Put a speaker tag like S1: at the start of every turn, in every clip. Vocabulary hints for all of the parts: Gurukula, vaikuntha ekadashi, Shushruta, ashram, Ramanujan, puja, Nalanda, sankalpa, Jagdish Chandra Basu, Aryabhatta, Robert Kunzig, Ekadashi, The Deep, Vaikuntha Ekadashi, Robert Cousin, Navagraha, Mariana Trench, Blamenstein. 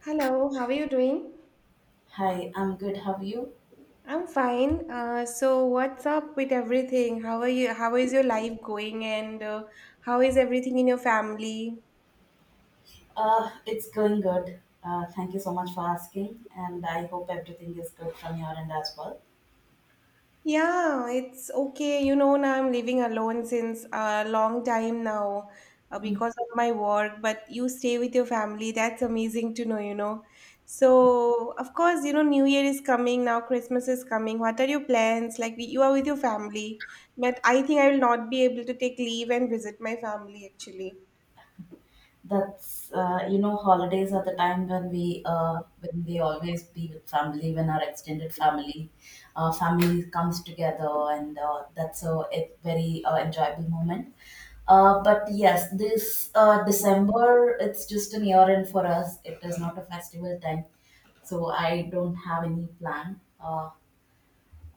S1: Hello, how are you doing?
S2: Hi, I'm good. How are you?
S1: I'm fine. So what's up with everything? How are you? How is your life going? And How is everything in your family?
S2: It's going good. Thank you so much for asking, and I hope everything is good from your end as well.
S1: Yeah, it's okay. You know, now I'm living alone since a long time now
S2: Mm.
S1: because of my work, but you stay with your family. That's amazing to know, you know. So, of course, you know, New Year is coming now, Christmas is coming. What are your plans? Like, you are with your family, but I think I will not be able to take leave and visit my family actually.
S2: Holidays are the time when we always be with family, when our extended family comes together, and that's a very enjoyable moment. But yes, this December, it's just an year end for us. It is not a festival time, so I don't have any plan. Uh,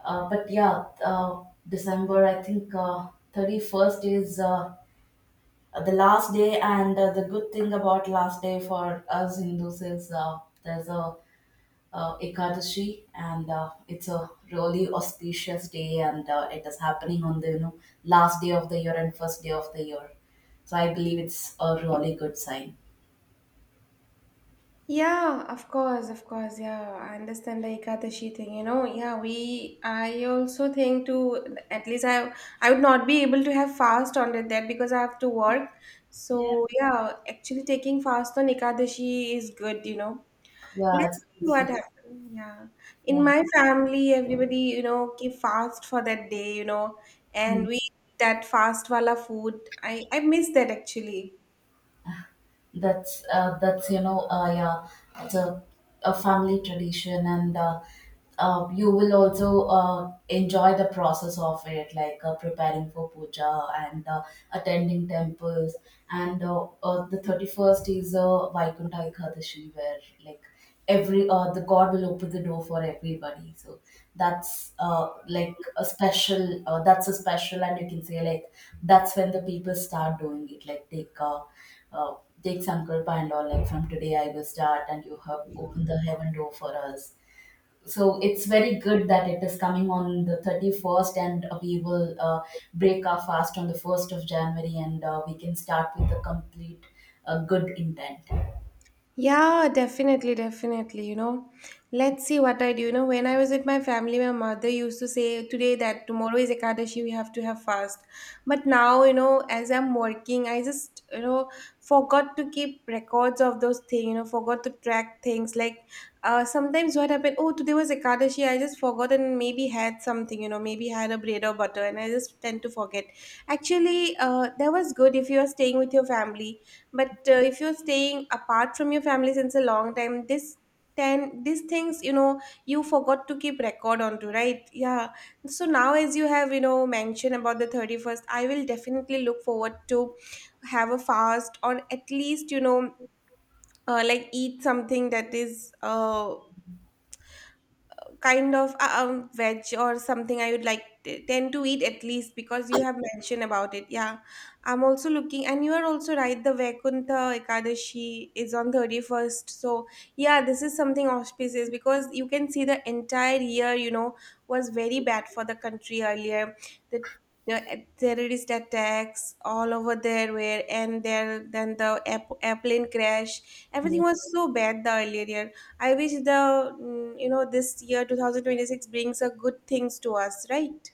S2: Uh, but yeah, uh, December, I think 31st is the last day, and the good thing about last day for us Hindus is there's a Ekadashi, and it's a really auspicious day, and it is happening on the last day of the year and first day of the year. So I believe it's a really good sign.
S1: Yeah, of course, of course. Yeah, I understand like, the Ekadashi thing. You know, yeah, we. I also think to at least I would not be able to have fast on it that because I have to work.
S2: Yeah.
S1: So yeah, actually taking fast on Ekadashi is good. You know,
S2: Yeah,
S1: let's see what
S2: it's
S1: happens. Yeah, in
S2: Yeah.
S1: my family, everybody you know keep fast for that day. You know, and
S2: Hmm.
S1: we eat that fast wala food. I miss that actually.
S2: That's you know yeah It's a family tradition, and you will also enjoy the process of it, like preparing for puja and attending temples, and the 31st is vaikuntha ekadashi, where like every the god will open the door for everybody. So that's like a special, that's a special, and you can say like that's when the people start doing it, like uh, take sankalpa and all, like from today I will start and you have opened the heaven door for us. So it's very good that it is coming on the 31st, and we will break our fast on the 1st of January, and we can start with a complete good intent.
S1: Yeah, definitely, definitely. You know, let's see what I do. You know, when I was with my family, my mother used to say today that tomorrow is Ekadashi, we have to have fast. But now, you know, as I'm working, I forgot to keep records of those things, you know, forgot to track things. Sometimes what happened, oh, today was Ekadashi, I just forgot and maybe had something, you know, maybe had a bread or butter, and I just tend to forget. Actually, that was good if you are staying with your family, but if you're staying apart from your family since a long time, this, then these things, you know, you forgot to keep record onto, right? Yeah. So now as you have, you know, mentioned about the 31st, I will definitely look forward to have a fast, or at least, you know, like eat something that is veg or something I would like tend to eat at least because you have mentioned about it. Yeah, I'm also looking, and you are also right. The Vaikuntha Ekadashi is on 31st, so yeah, this is something auspicious because you can see the entire year. You know, was very bad for the country earlier. The the terrorist attacks all over there were, and there then the airplane crash, everything was so bad the earlier year. I wish the you know, this year 2026 brings a good things to us, right?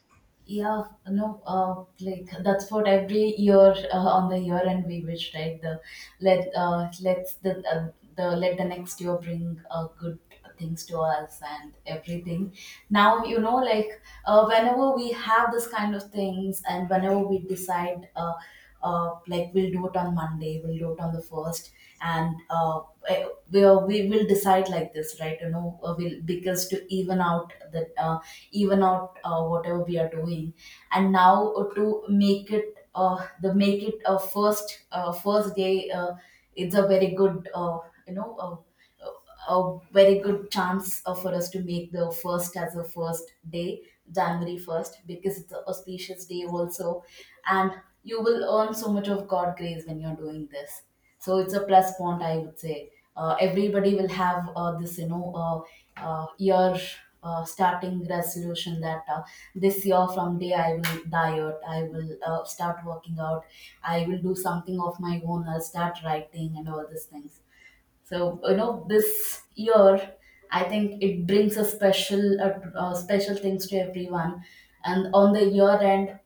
S2: Yeah, no, like that's what every year on the year and we wish, right? Let uh, let's the uh, the let the next year bring good things to us and everything. Now you know, whenever we have this kind of things and whenever we decide. Like we'll do it on Monday, we'll do it on the first, and eh, we will decide like this, right? You know, we'll, because to even out the even out, whatever we are doing, and now to make it the make it a first, first day, it's a very good you know. Uh, a very good chance for us to make the first as a first day, January 1st, because it's an auspicious day also. And you will earn so much of God grace when you're doing this. So it's a plus point, I would say. Everybody will have year starting resolution that this year from day I will diet, I will start working out, I will do something of my own, I'll start writing and all these things. So you know, this year, I think it brings a special, special things to everyone. And on the year end,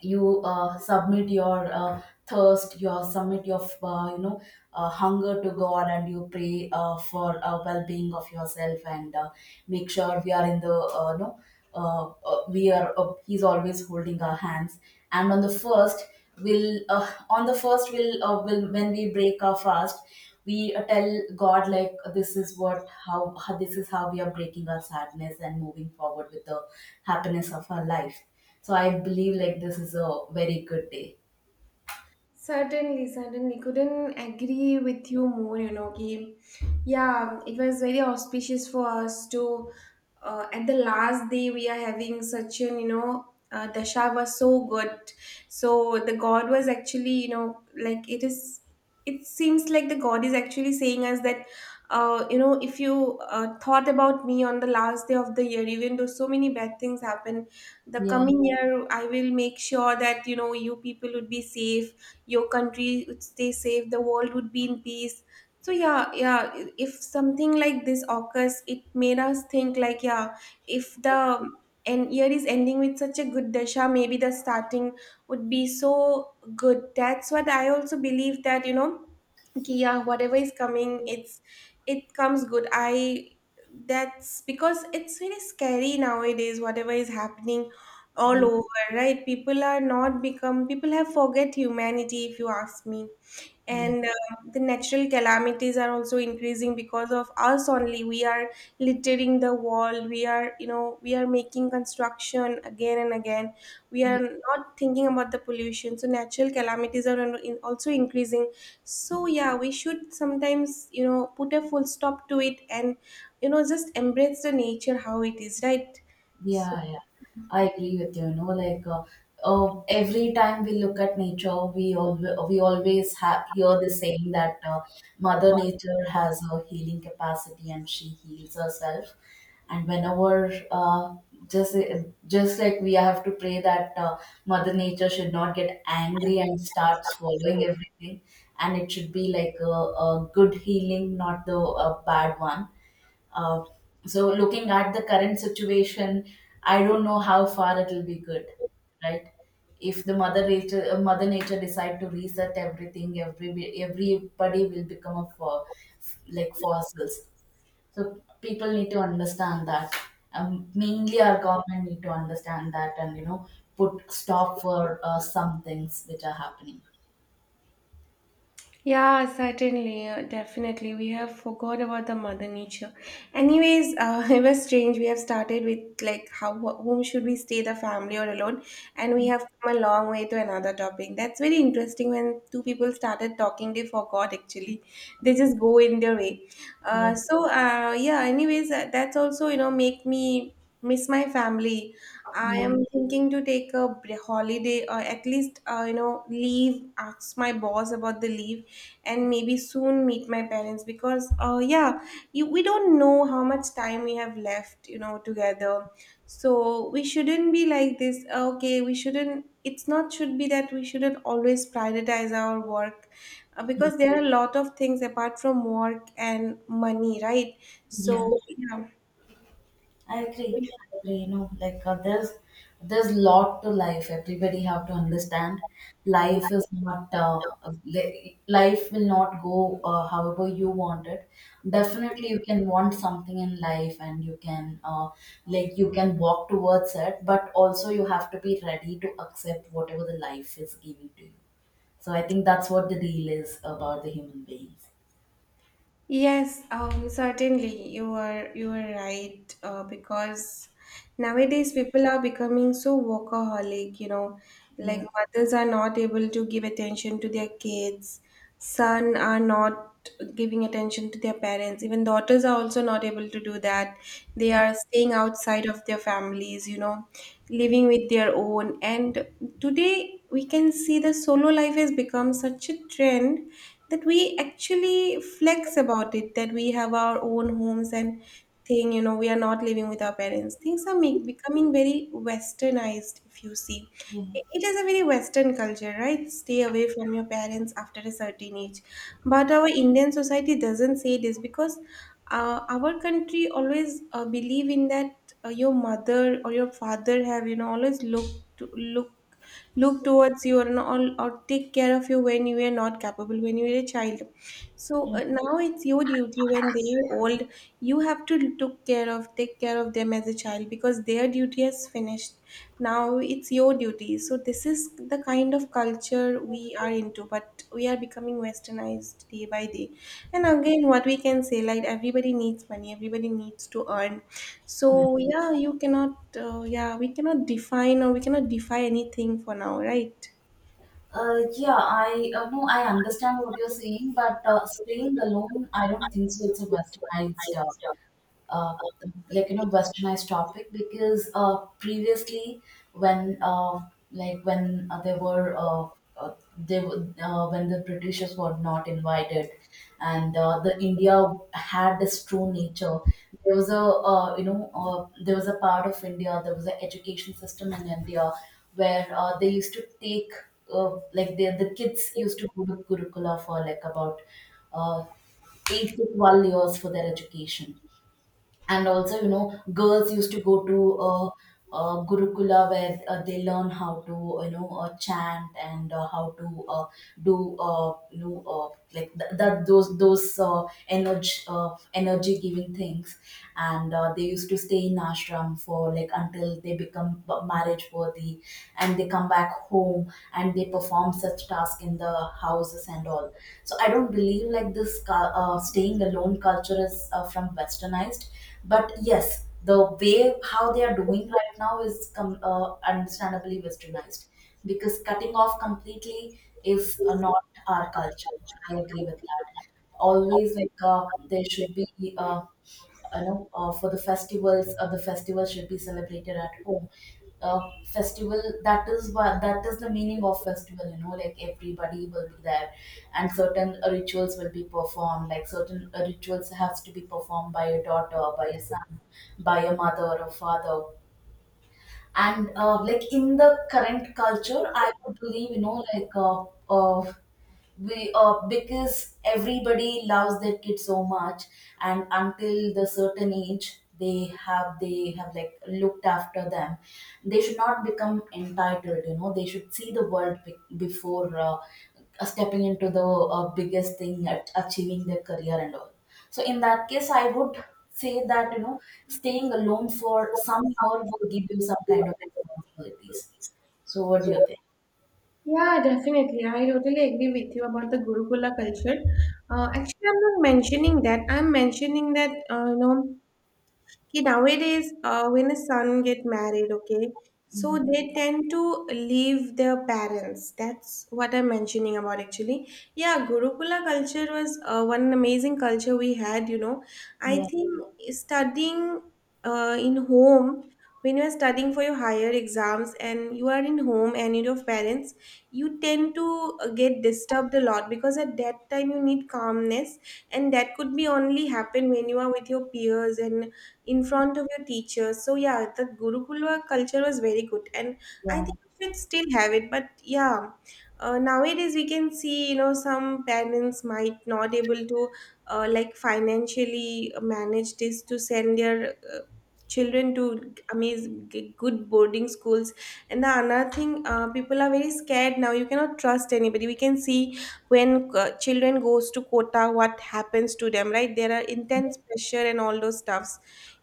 S2: you submit your thirst you submit your hunger to god, and you pray for well-being of yourself, and make sure we are in the no know uh, we are he's always holding our hands, and on the first will on the first will when we break our fast, we tell god like this is how this is how we are breaking our sadness and moving forward with the happiness of our life. So I believe like this is a very good day.
S1: Certainly, certainly. Couldn't agree with you more, you know, ki, yeah, it was very auspicious for us to, at the last day we are having such an, you know, dasha was so good. So the God was actually, you know, like it is, it seems like the God is actually saying us that, you know, if you thought about me on the last day of the year, even though so many bad things happen, the
S2: Yeah,
S1: coming year I will make sure that, you know, you people would be safe, your country would stay safe, the world would be in peace. So yeah, yeah, if something like this occurs, it made us think like, yeah, if the, and year is ending with such a good dasha, maybe the starting would be so good. That's what I also believe, that you know कि yeah, whatever is coming, it's, it comes good. I, that's because it's really scary nowadays whatever is happening all
S2: yeah,
S1: over, right? People are not become, people have forget humanity if you ask me.
S2: yeah,
S1: And the natural calamities are also increasing because of us only. We are littering the wall, we are, you know, we are making construction again and again, we are
S2: yeah.
S1: not thinking about the pollution, so natural calamities are also increasing. So yeah, we should sometimes, you know, put a full stop to it and, you know, just embrace the nature how it is, right? So
S2: Yeah, yeah. I agree with you. You know, every time we look at nature, we always ha hear the saying that Mother Nature has a healing capacity and she heals herself. And whenever just just like we have to pray that Mother Nature should not get angry and start swallowing everything, and it should be like a good healing, not the a bad one. uh, so looking at the current situation, I don't know how far it will be good, right? If the mother nature decide to reset everything, everybody will become a like fossils. So people need to understand that. Mainly, our government need to understand that, and you know, put stop for some things which are happening.
S1: yeah, certainly, definitely. We have forgot about the mother nature. Anyways, it was strange. We have started with like how whom should we stay, the family or alone, and we have come a long way to another topic. That's very interesting. When two people started talking, they forgot actually. They just go in their way.
S2: Yeah,
S1: So yeah. Anyways, that's also you know make me miss my family. I am
S2: yeah,
S1: thinking to take a holiday, or at least, you know, leave, ask my boss about the leave, and maybe soon meet my parents because, yeah, you, we don't know how much time we have left, you know, together. So we shouldn't be like this. Okay, we shouldn't, it's not, should be that we shouldn't always prioritize our work,
S2: yeah.
S1: because there are a lot of things apart from work and money, right?
S2: Yeah.
S1: So, yeah.
S2: I agree. I agree. You know, there's lot to life. Everybody have to understand. Life is not life will not go however you want it. Definitely, you can want something in life, and you can like you can walk towards it. But also, you have to be ready to accept whatever the life is giving to you. So I think that's what the deal is about the human beings.
S1: Yes, certainly you are right, because nowadays people are becoming so workaholic, you know, like
S2: Yeah.
S1: mothers are not able to give attention to their kids, son are not giving attention to their parents, even daughters are also not able to do that. They are staying outside of their families, you know, living with their own. And today we can see the solo life has become such a trend that we actually flex about it, that we have our own homes and thing, you know, we are not living with our parents. Things are becoming very westernized if you see.
S2: Yeah.
S1: It is a very western culture, right? Stay away from your parents after a certain age. But our Indian society doesn't say this because our country always believe in that your mother or your father have, you know, always looked to look look towards you, or all, or take care of you when you were not capable, when you were a child. So now it's your duty when they are old, you have to took care of take care of them as a child because their duty has finished. Now it's your duty. So this is the kind of culture we are into, but we are becoming westernized day by day. And again, what we can say, like everybody needs money, everybody needs to earn.
S2: Yeah.
S1: So yeah, you cannot yeah, we cannot define or we cannot defy anything for now, right?
S2: Yeah, I no, I understand what you're saying, but staying alone, I don't think so. It's a Westernized uh, like you know westernized topic because previously when like when there were uh, they were- when the Britishers were not invited, and the India had this true nature. There was a part of India, there was an education system in India where they used to take like the kids used to go to Gurukula for like about uh, 8 to 12 years for their education. And also you know girls used to go to gurukula, where they learn how to chant, and how to do you know like th- that those energy giving things. And they used to stay in ashram for like until they become marriage worthy, and they come back home, and they perform such tasks in the houses and all. So I don't believe like staying alone culture is from westernized. But yes, the way how they are doing right now is understandably westernized, because cutting off completely is not our culture. I agree with that. Always there should be uh, for the festivals, the festival should be celebrated at home. uh, Festival, that is what that is the meaning of festival, you know, like everybody will be there. And certain rituals will be performed, like certain rituals has to be performed by a daughter, by a son, by a mother or a father. And like in the current culture, I would believe, you know, like uh, we because everybody loves their kid so much, and until the certain age they have like looked after them, they should not become entitled, you know. They should see the world be- before stepping into the biggest thing at achieving their career and all. So in that case, I would say that you know staying alone for some year will give you some kind of responsibilities. So what do you think?
S1: Yeah, definitely. I totally agree with you about the Gurukula culture. Actually, I'm not mentioning that. I'm mentioning that, you know, okay, nowadays, when a son get married, okay, so
S2: Hmm.
S1: they tend to leave their parents. That's what I'm mentioning about actually. Yeah, Gurukula culture was one amazing culture we had, you know. I
S2: Yeah,
S1: think studying in home, when you are studying for your higher exams and you are in home and with your parents, you tend to get disturbed a lot because at that time you need calmness, and that could be only happen when you are with your peers and in front of your teachers. So yeah, the Gurukula culture was very good, and I
S2: yeah,
S1: think we should still have it. But yeah, nowadays we can see, you know, some parents might not able to like financially manage this to send their children to amazing good boarding schools. And the another thing, people are very scared now, you cannot trust anybody, we can see. When children goes to Kota, what happens to them, right? There are intense pressure and all those stuff.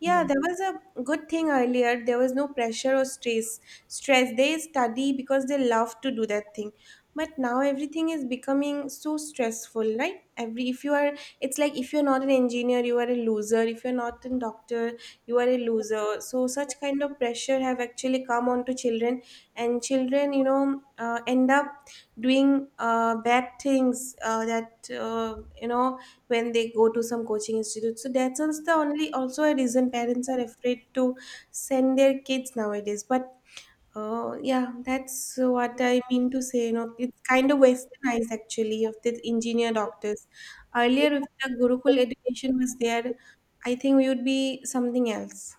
S1: Yeah,
S2: yeah,
S1: there was a good thing earlier. There was no pressure or stress. They study because they love to do that thing. But now everything is becoming so stressful, right? Every if you are, it's like if you're not an engineer, you are a loser. If you're not a doctor, you are a loser. So such kind of pressure have actually come onto children, and children, you know, end up doing bad things that you know, when they go to some coaching institute. So that's also the only, also a reason parents are afraid to send their kids nowadays. But yeah, that's what I mean to say. You know, it's kind of westernized actually, of the engineer doctors. Earlier, if the Gurukul education was there, I think we would be something else.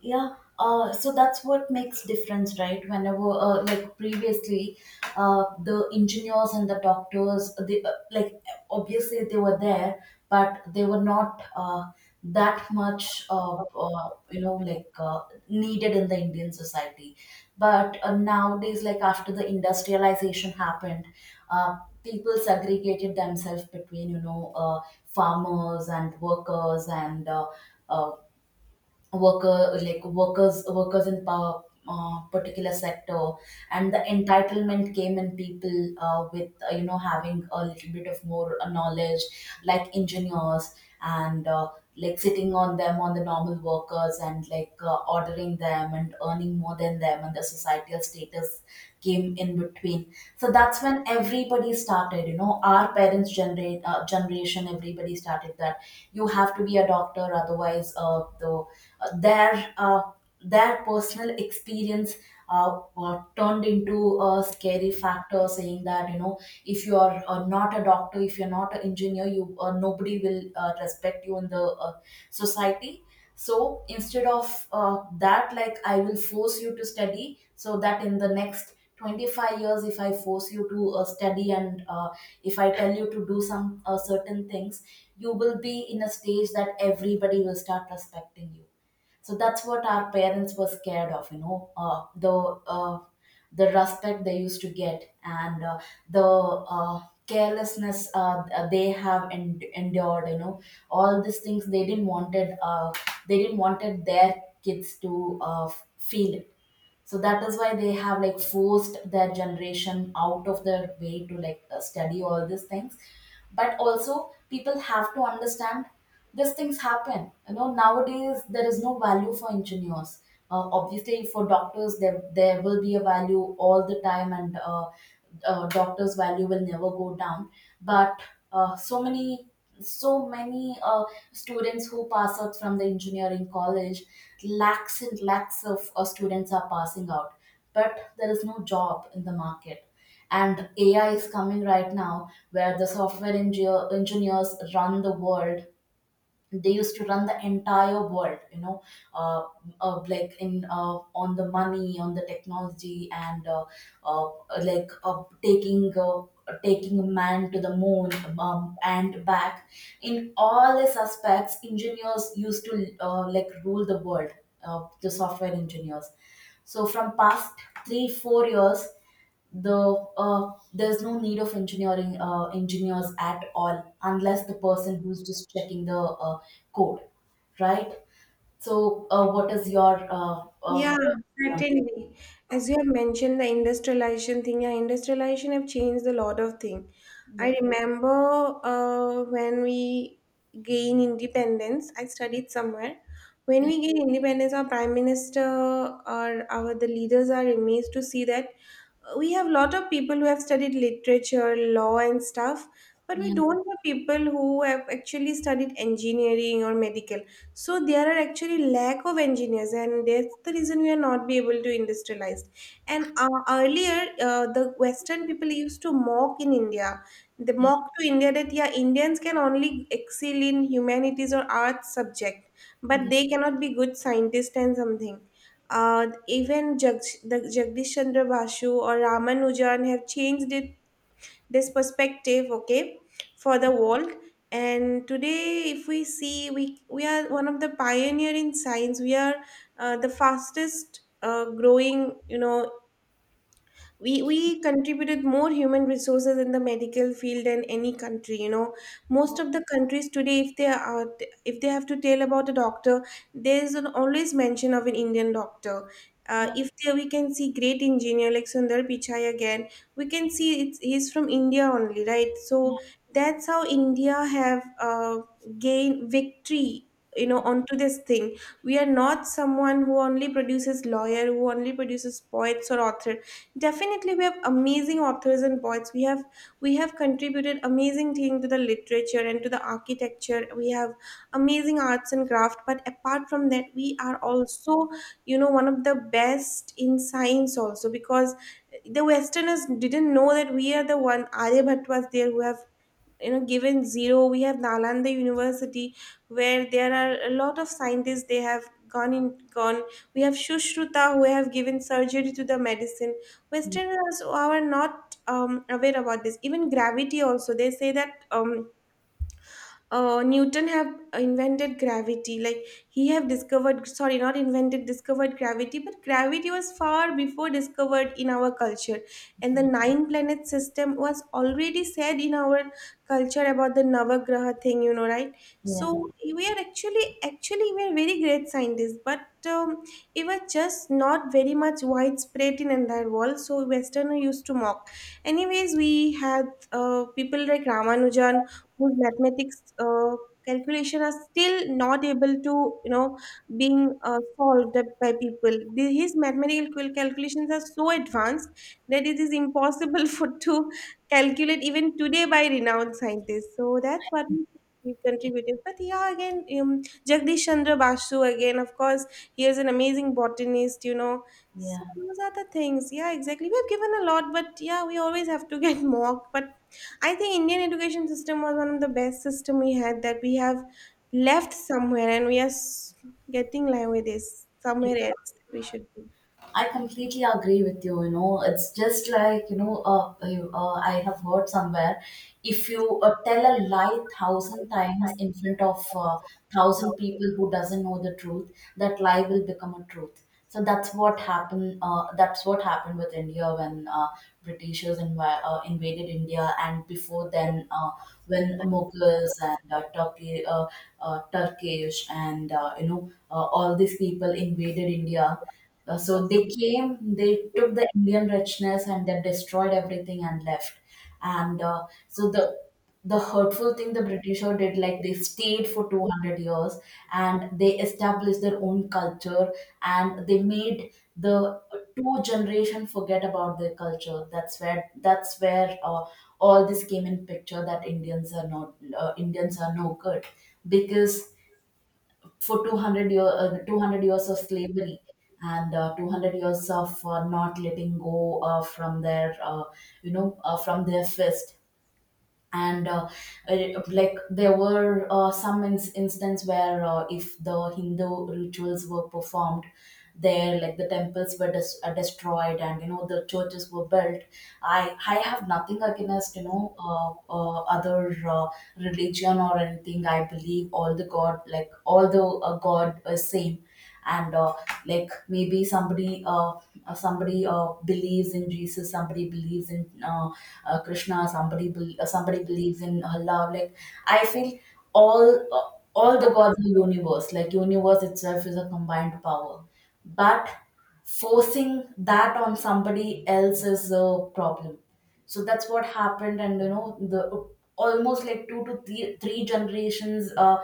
S2: yeah. So that's what makes difference, right? Whenever like previously the engineers and the doctors, they like obviously they were there, but they were not that much you know like needed in the Indian society. But nowadays, like after the industrialization happened, uh, people segregated themselves between farmers and workers and uh, workers in power, particular sector. And the entitlement came in people with you know having a little bit of more knowledge, like engineers, and like sitting on them, on the normal workers, and like ordering them and earning more than them, and the societal status came in between. So that's when everybody started, you know, our parents generate generation, everybody started that you have to be a doctor, otherwise uh, their uh, their personal experience turned into a scary factor, saying that you know if you are not a doctor, if you're not an engineer, you nobody will respect you in the society. So instead of that, like I will force you to study, so that in the next 25 years, if I force you to study, and if I tell you to do some certain things, you will be in a stage that everybody will start respecting you. So that's what our parents were scared of, you know, uh, the respect they used to get, and the carelessness they have endured, you know, all these things they didn't wanted their kids to feel. So that is why they have like forced their generation out of their way to like study all these things. But also people have to understand these things happen, you know, nowadays there is no value for engineers. Obviously for doctors there will be a value all the time, and doctors value will never go down. But uh, so many so many students who pass out from the engineering college, lakhs and lakhs of students are passing out, but there is no job in the market. And AI is coming right now, where the software engineers run the world. They used to run the entire world, you know, uh, like in on the money, on the technology, and uh, like taking a man to the moon and back. In all these aspects, engineers used to like rule the world, the software engineers. So from past 3-4 years, the there's no need of engineering engineers at all, unless the person who's just checking the code, right? So what is your
S1: Yeah, certainly. As you have mentioned, the industrialization thing, yeah, industrialization have changed a lot of thing. I
S2: Yeah,
S1: remember when we gain independence, I studied somewhere. When
S2: yeah,
S1: we gain independence, our prime minister or our the leaders are amazed to see that we have lot of people who have studied literature, law, and stuff, but we
S2: yeah,
S1: don't have people who have actually studied engineering or medical, so there are actually lack of engineers, and that's the reason we are not be able to industrialize. And earlier the western people used to mock in india. They
S2: yeah,
S1: mock to india that yeah indians can only excel in humanities or arts subject, but
S2: yeah,
S1: they cannot be good scientists and something. Even the Jagdish Chandra Basu or Ramanujan have changed it, this perspective, okay, for the world. And today if we see, we are one of the pioneer in science. We are the fastest growing, you know. We contributed more human resources in the medical field than any country, you know. Most of the countries today, if they are, if they have to tell about a doctor, there is an always mention of an indian doctor.
S2: yeah,
S1: If there we can see great engineer like sundar pichai again, we can see it's he's from india only, right? So that's how india have uh, gained victory, you know, onto this thing. We are not someone who only produces lawyer, who only produces poets or author. Definitely, we have amazing authors and poets. We have, we have contributed amazing thing to the literature and to the architecture. We have amazing arts and craft. But apart from that, we are also, you know, one of the best in science also. Because the Westerners didn't know that we are the one. Aryabhatta was there who have, you know, given zero. We have nalanda university where there are a lot of scientists, they have gone in, gone. We have shushruta who have given surgery to the medicine.
S2: yeah,
S1: Westerners are not aware about this. Even gravity also, they say that Newton have invented gravity. Like he have discovered, sorry, not invented, discovered gravity, but gravity was far before discovered in our culture. And the
S2: yeah,
S1: nine planet system was already said in our culture about the Navagraha thing, you know, right?
S2: yeah,
S1: So we are actually, actually, we are very great scientists, but um, it was just not very much widespread in entire world. So Westerner used to mock. Anyways, we had people like Ramanujan whose mathematics calculation are still not able to, you know, being solved by people. His mathematical calculations are so advanced that it is impossible for to calculate even today by renowned scientists. So that's what he contributed. But yeah, again, jagdish chandra basu again, of course, he is an amazing botanist, you know. So those are the things. Yeah, exactly, we have given a lot, but yeah, we always have to get mocked. But I think Indian education system was one of the best system we had, that we have left somewhere, and we are getting like with this
S2: yeah.
S1: somewhere else we should be.
S2: I completely agree with you. You know, it's just like I have heard somewhere, if you tell a lie 1,000 times in front of 1,000 people who doesn't know the truth, that lie will become a truth. So that's what happened. That's what happened with India when Britishers invaded India, and before then, when Mughals and Turkish, and all these people invaded India, so they came, they took the Indian richness, and they destroyed everything and left. And so the hurtful thing the Britisher did, like they stayed for 200 years, and they established their own culture, and they made the two generation forget about their culture. That's where all this came in picture, that Indians are no good, because for 200 years of slavery, and 200 years of not letting go from their fist. And like there were some instance where if the Hindu rituals were performed there, like the temples were destroyed, and, you know, the churches were built. I have nothing against, you know, other religion or anything. I believe all the god, like all the god is same. And like maybe somebody believes in Jesus, somebody believes in Krishna, somebody believes in Allah, like I feel all all the gods of the universe, like universe itself is a combined power. But forcing that on somebody else is a problem. So that's what happened. And, you know, the almost like two to three generations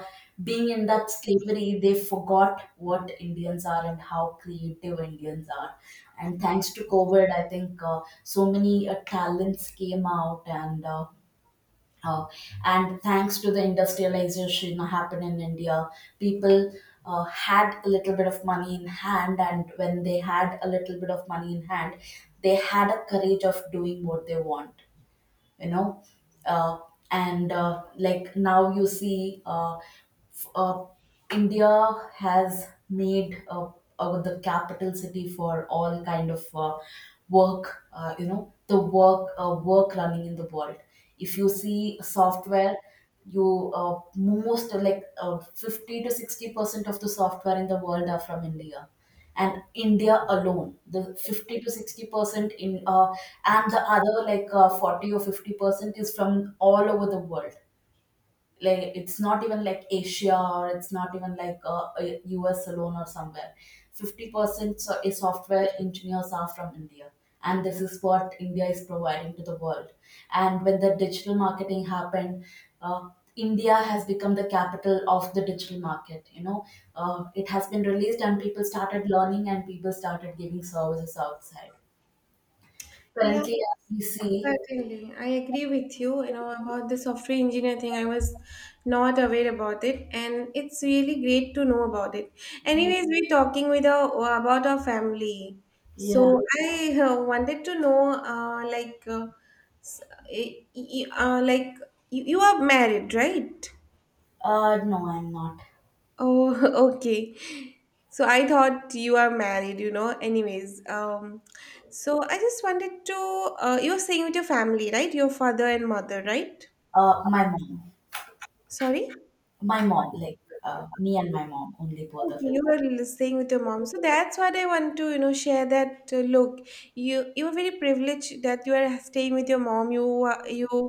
S2: being in that slavery, they forgot what Indians are and how creative Indians are. And thanks to COVID, I think so many talents came out. And uh, uh, and thanks to the industrialization happened in India, people had a little bit of money in hand, and when they had a little bit of money in hand, they had a courage of doing what they want, you know. uh, and like now you see India has made the capital city for all kind of work, you know, the work running in the world. If you see software, you most like 50 to 60% of the software in the world are from India, and India alone, the 50 to 60% in and the other like 40 or 50% is from all over the world. Like it's not even like Asia, or it's not even like a US alone or somewhere. 50% is software engineers are from India, and this is what India is providing to the world. And when the digital marketing happened, uh, India has become the capital of the digital market, you know. It has been released, and people started learning, and people started giving services outside,
S1: Yeah,
S2: currently as we see.
S1: certainly. I agree with you, you know, about the software engineer thing. I was not aware about it, and it's really great to know about it. Anyways, we're talking with our about our family. So
S2: Yeah.
S1: I wanted to know, like, s- like you are married, right?
S2: No, I'm not.
S1: Oh, okay. So I thought you are married, you know. Anyways, so I just wanted to. You were staying with your family, right? Your father and mother, right?
S2: uh, my mom
S1: Sorry.
S2: my mom Like, me and my mom only, both of
S1: Okay,
S2: us.
S1: you were staying with your mom. So that's what I want to, you know, share. That look, you are very privileged that you are staying with your mom. You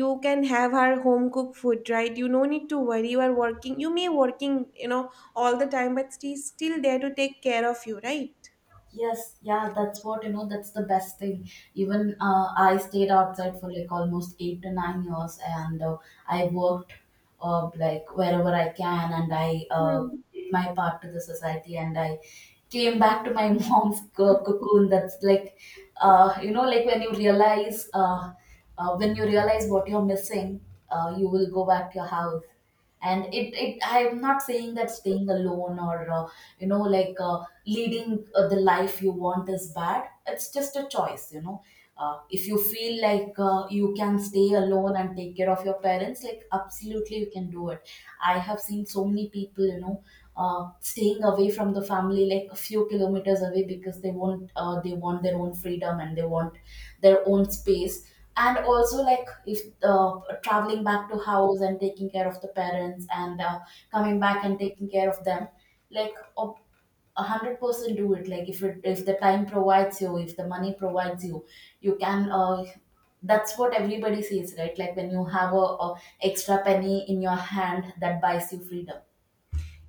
S1: you can have her home cooked food, right? You no need to worry. You are working. You may working, you know, all the time, but she's still there to take care of you, right?
S2: Yes, yeah, that's what, you know, that's the best thing. Even I stayed outside for like almost 8 to 9 years, and I worked like wherever I can, and I did my part to the society, and I came back to my mom's cocoon. That's like you know, like when you realize what you're missing, you will go back to your house. And it I'm not saying that staying alone or you know, like leading the life you want is bad. It's just a choice, you know. If you feel like you can stay alone and take care of your parents, like absolutely you can do it. I have seen so many people, you know, staying away from the family like a few kilometers away, because they want their own freedom, and they want their own space. And also, like, if traveling back to house and taking care of the parents, and coming back and taking care of them, like 100% do it. Like if the time provides you, if the money provides you, you can that's what everybody says, right, like when you have a extra penny in your hand that buys you freedom.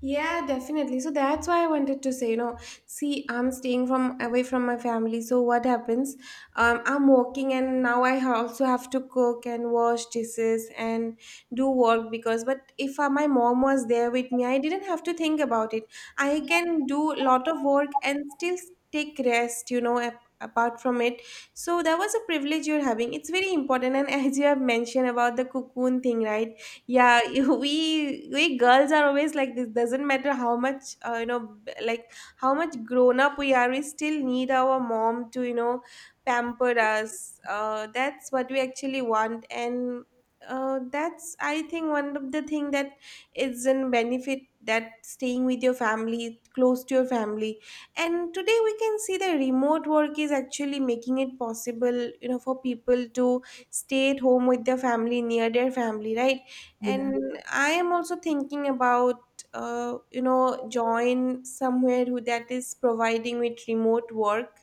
S1: Yeah, definitely. So that's why I wanted to say, you know, see, I'm staying from away from my family. So what happens? I'm working, and now I also have to cook and wash dishes and do work because. But if my mom was there with me, I didn't have to think about it. I can do a lot of work and still take rest. You know, apart from it. So that was a privilege you're having. It's very important, and as you have mentioned about the cocoon thing, right? Yeah. We girls are always like this. Doesn't matter how much you know, like how much grown up we are, we still need our mom to, you know, pamper us. That's what we actually want. And that's, I think, one of the thing that is in benefit, that staying with your family, close to your family. And today we can see that remote work is actually making it possible, you know, for people to stay at home with their family, near their family, right?
S2: Yeah.
S1: And I am also thinking about you know, join somewhere who that is providing with remote work,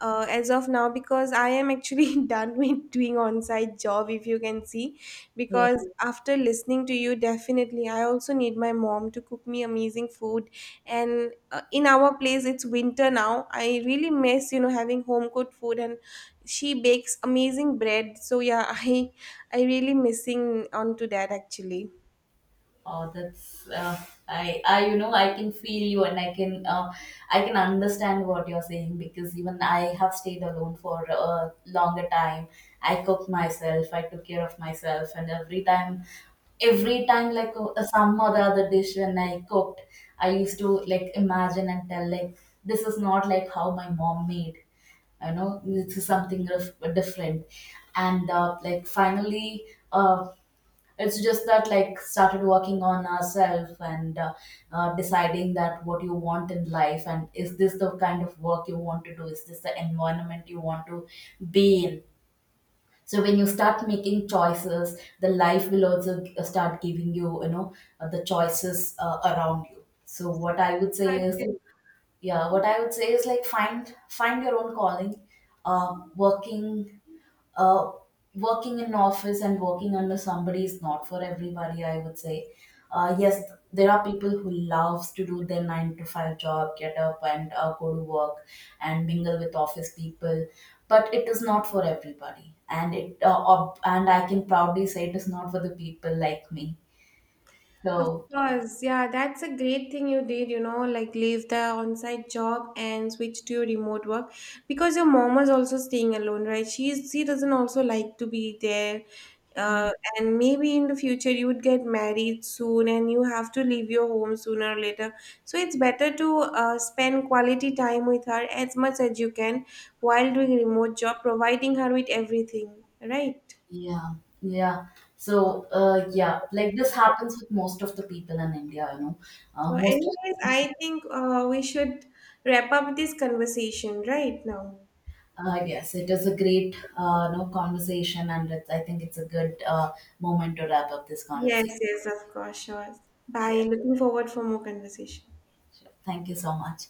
S1: as of now, because I am actually done with doing on-site job, if you can see. Because after listening to you, definitely I also need my mom to cook me amazing food. And in our place it's winter now. I really miss, you know, having home cooked food, and she bakes amazing bread. So yeah, I really missing onto that actually.
S2: Oh, that's I, you know, I can feel you, and I can understand what you're saying, because even I have stayed alone for a longer time. I cooked myself, I took care of myself, and every time like some or the other dish when I cooked, I used to like imagine and tell like this is not like how my mom made. You know, this is something different, and like finally, uh, it's just that like started working on ourselves, and deciding that what you want in life, and is this the kind of work you want to do, is this the environment you want to be in. So when you start making choices, the life will also start giving you, you know, the choices around you. So what I would say
S1: Right.
S2: is yeah, what I would say is like find your own calling. Working uh, in office and working under somebody is not for everybody, I would say. Yes, there are people who loves to do their 9 to 5 job, get up and go to work, and mingle with office people, but it is not for everybody. And I can proudly say it is not for the people like me.
S1: Of
S2: So,
S1: course, yeah, that's a great thing you did, you know, like leave the on-site job and switch to your remote work, because your mom was also staying alone, right? She doesn't also like to be there. Uh, and maybe in the future you would get married soon and you have to leave your home sooner or later. So it's better to spend quality time with her as much as you can while doing remote job, providing her with everything, right?
S2: yeah, yeah. So yeah, like this happens with most of the people in India, you know.
S1: So,
S2: Most of.
S1: anyways, I think we should wrap up this conversation right now.
S2: Yes, it is a great no conversation, and I think it's a good moment to wrap up this
S1: Yes,
S2: conversation.
S1: yes, of course, sure.
S2: Yeah,
S1: Bye. Looking forward for more conversation.
S2: sure. Thank you so much.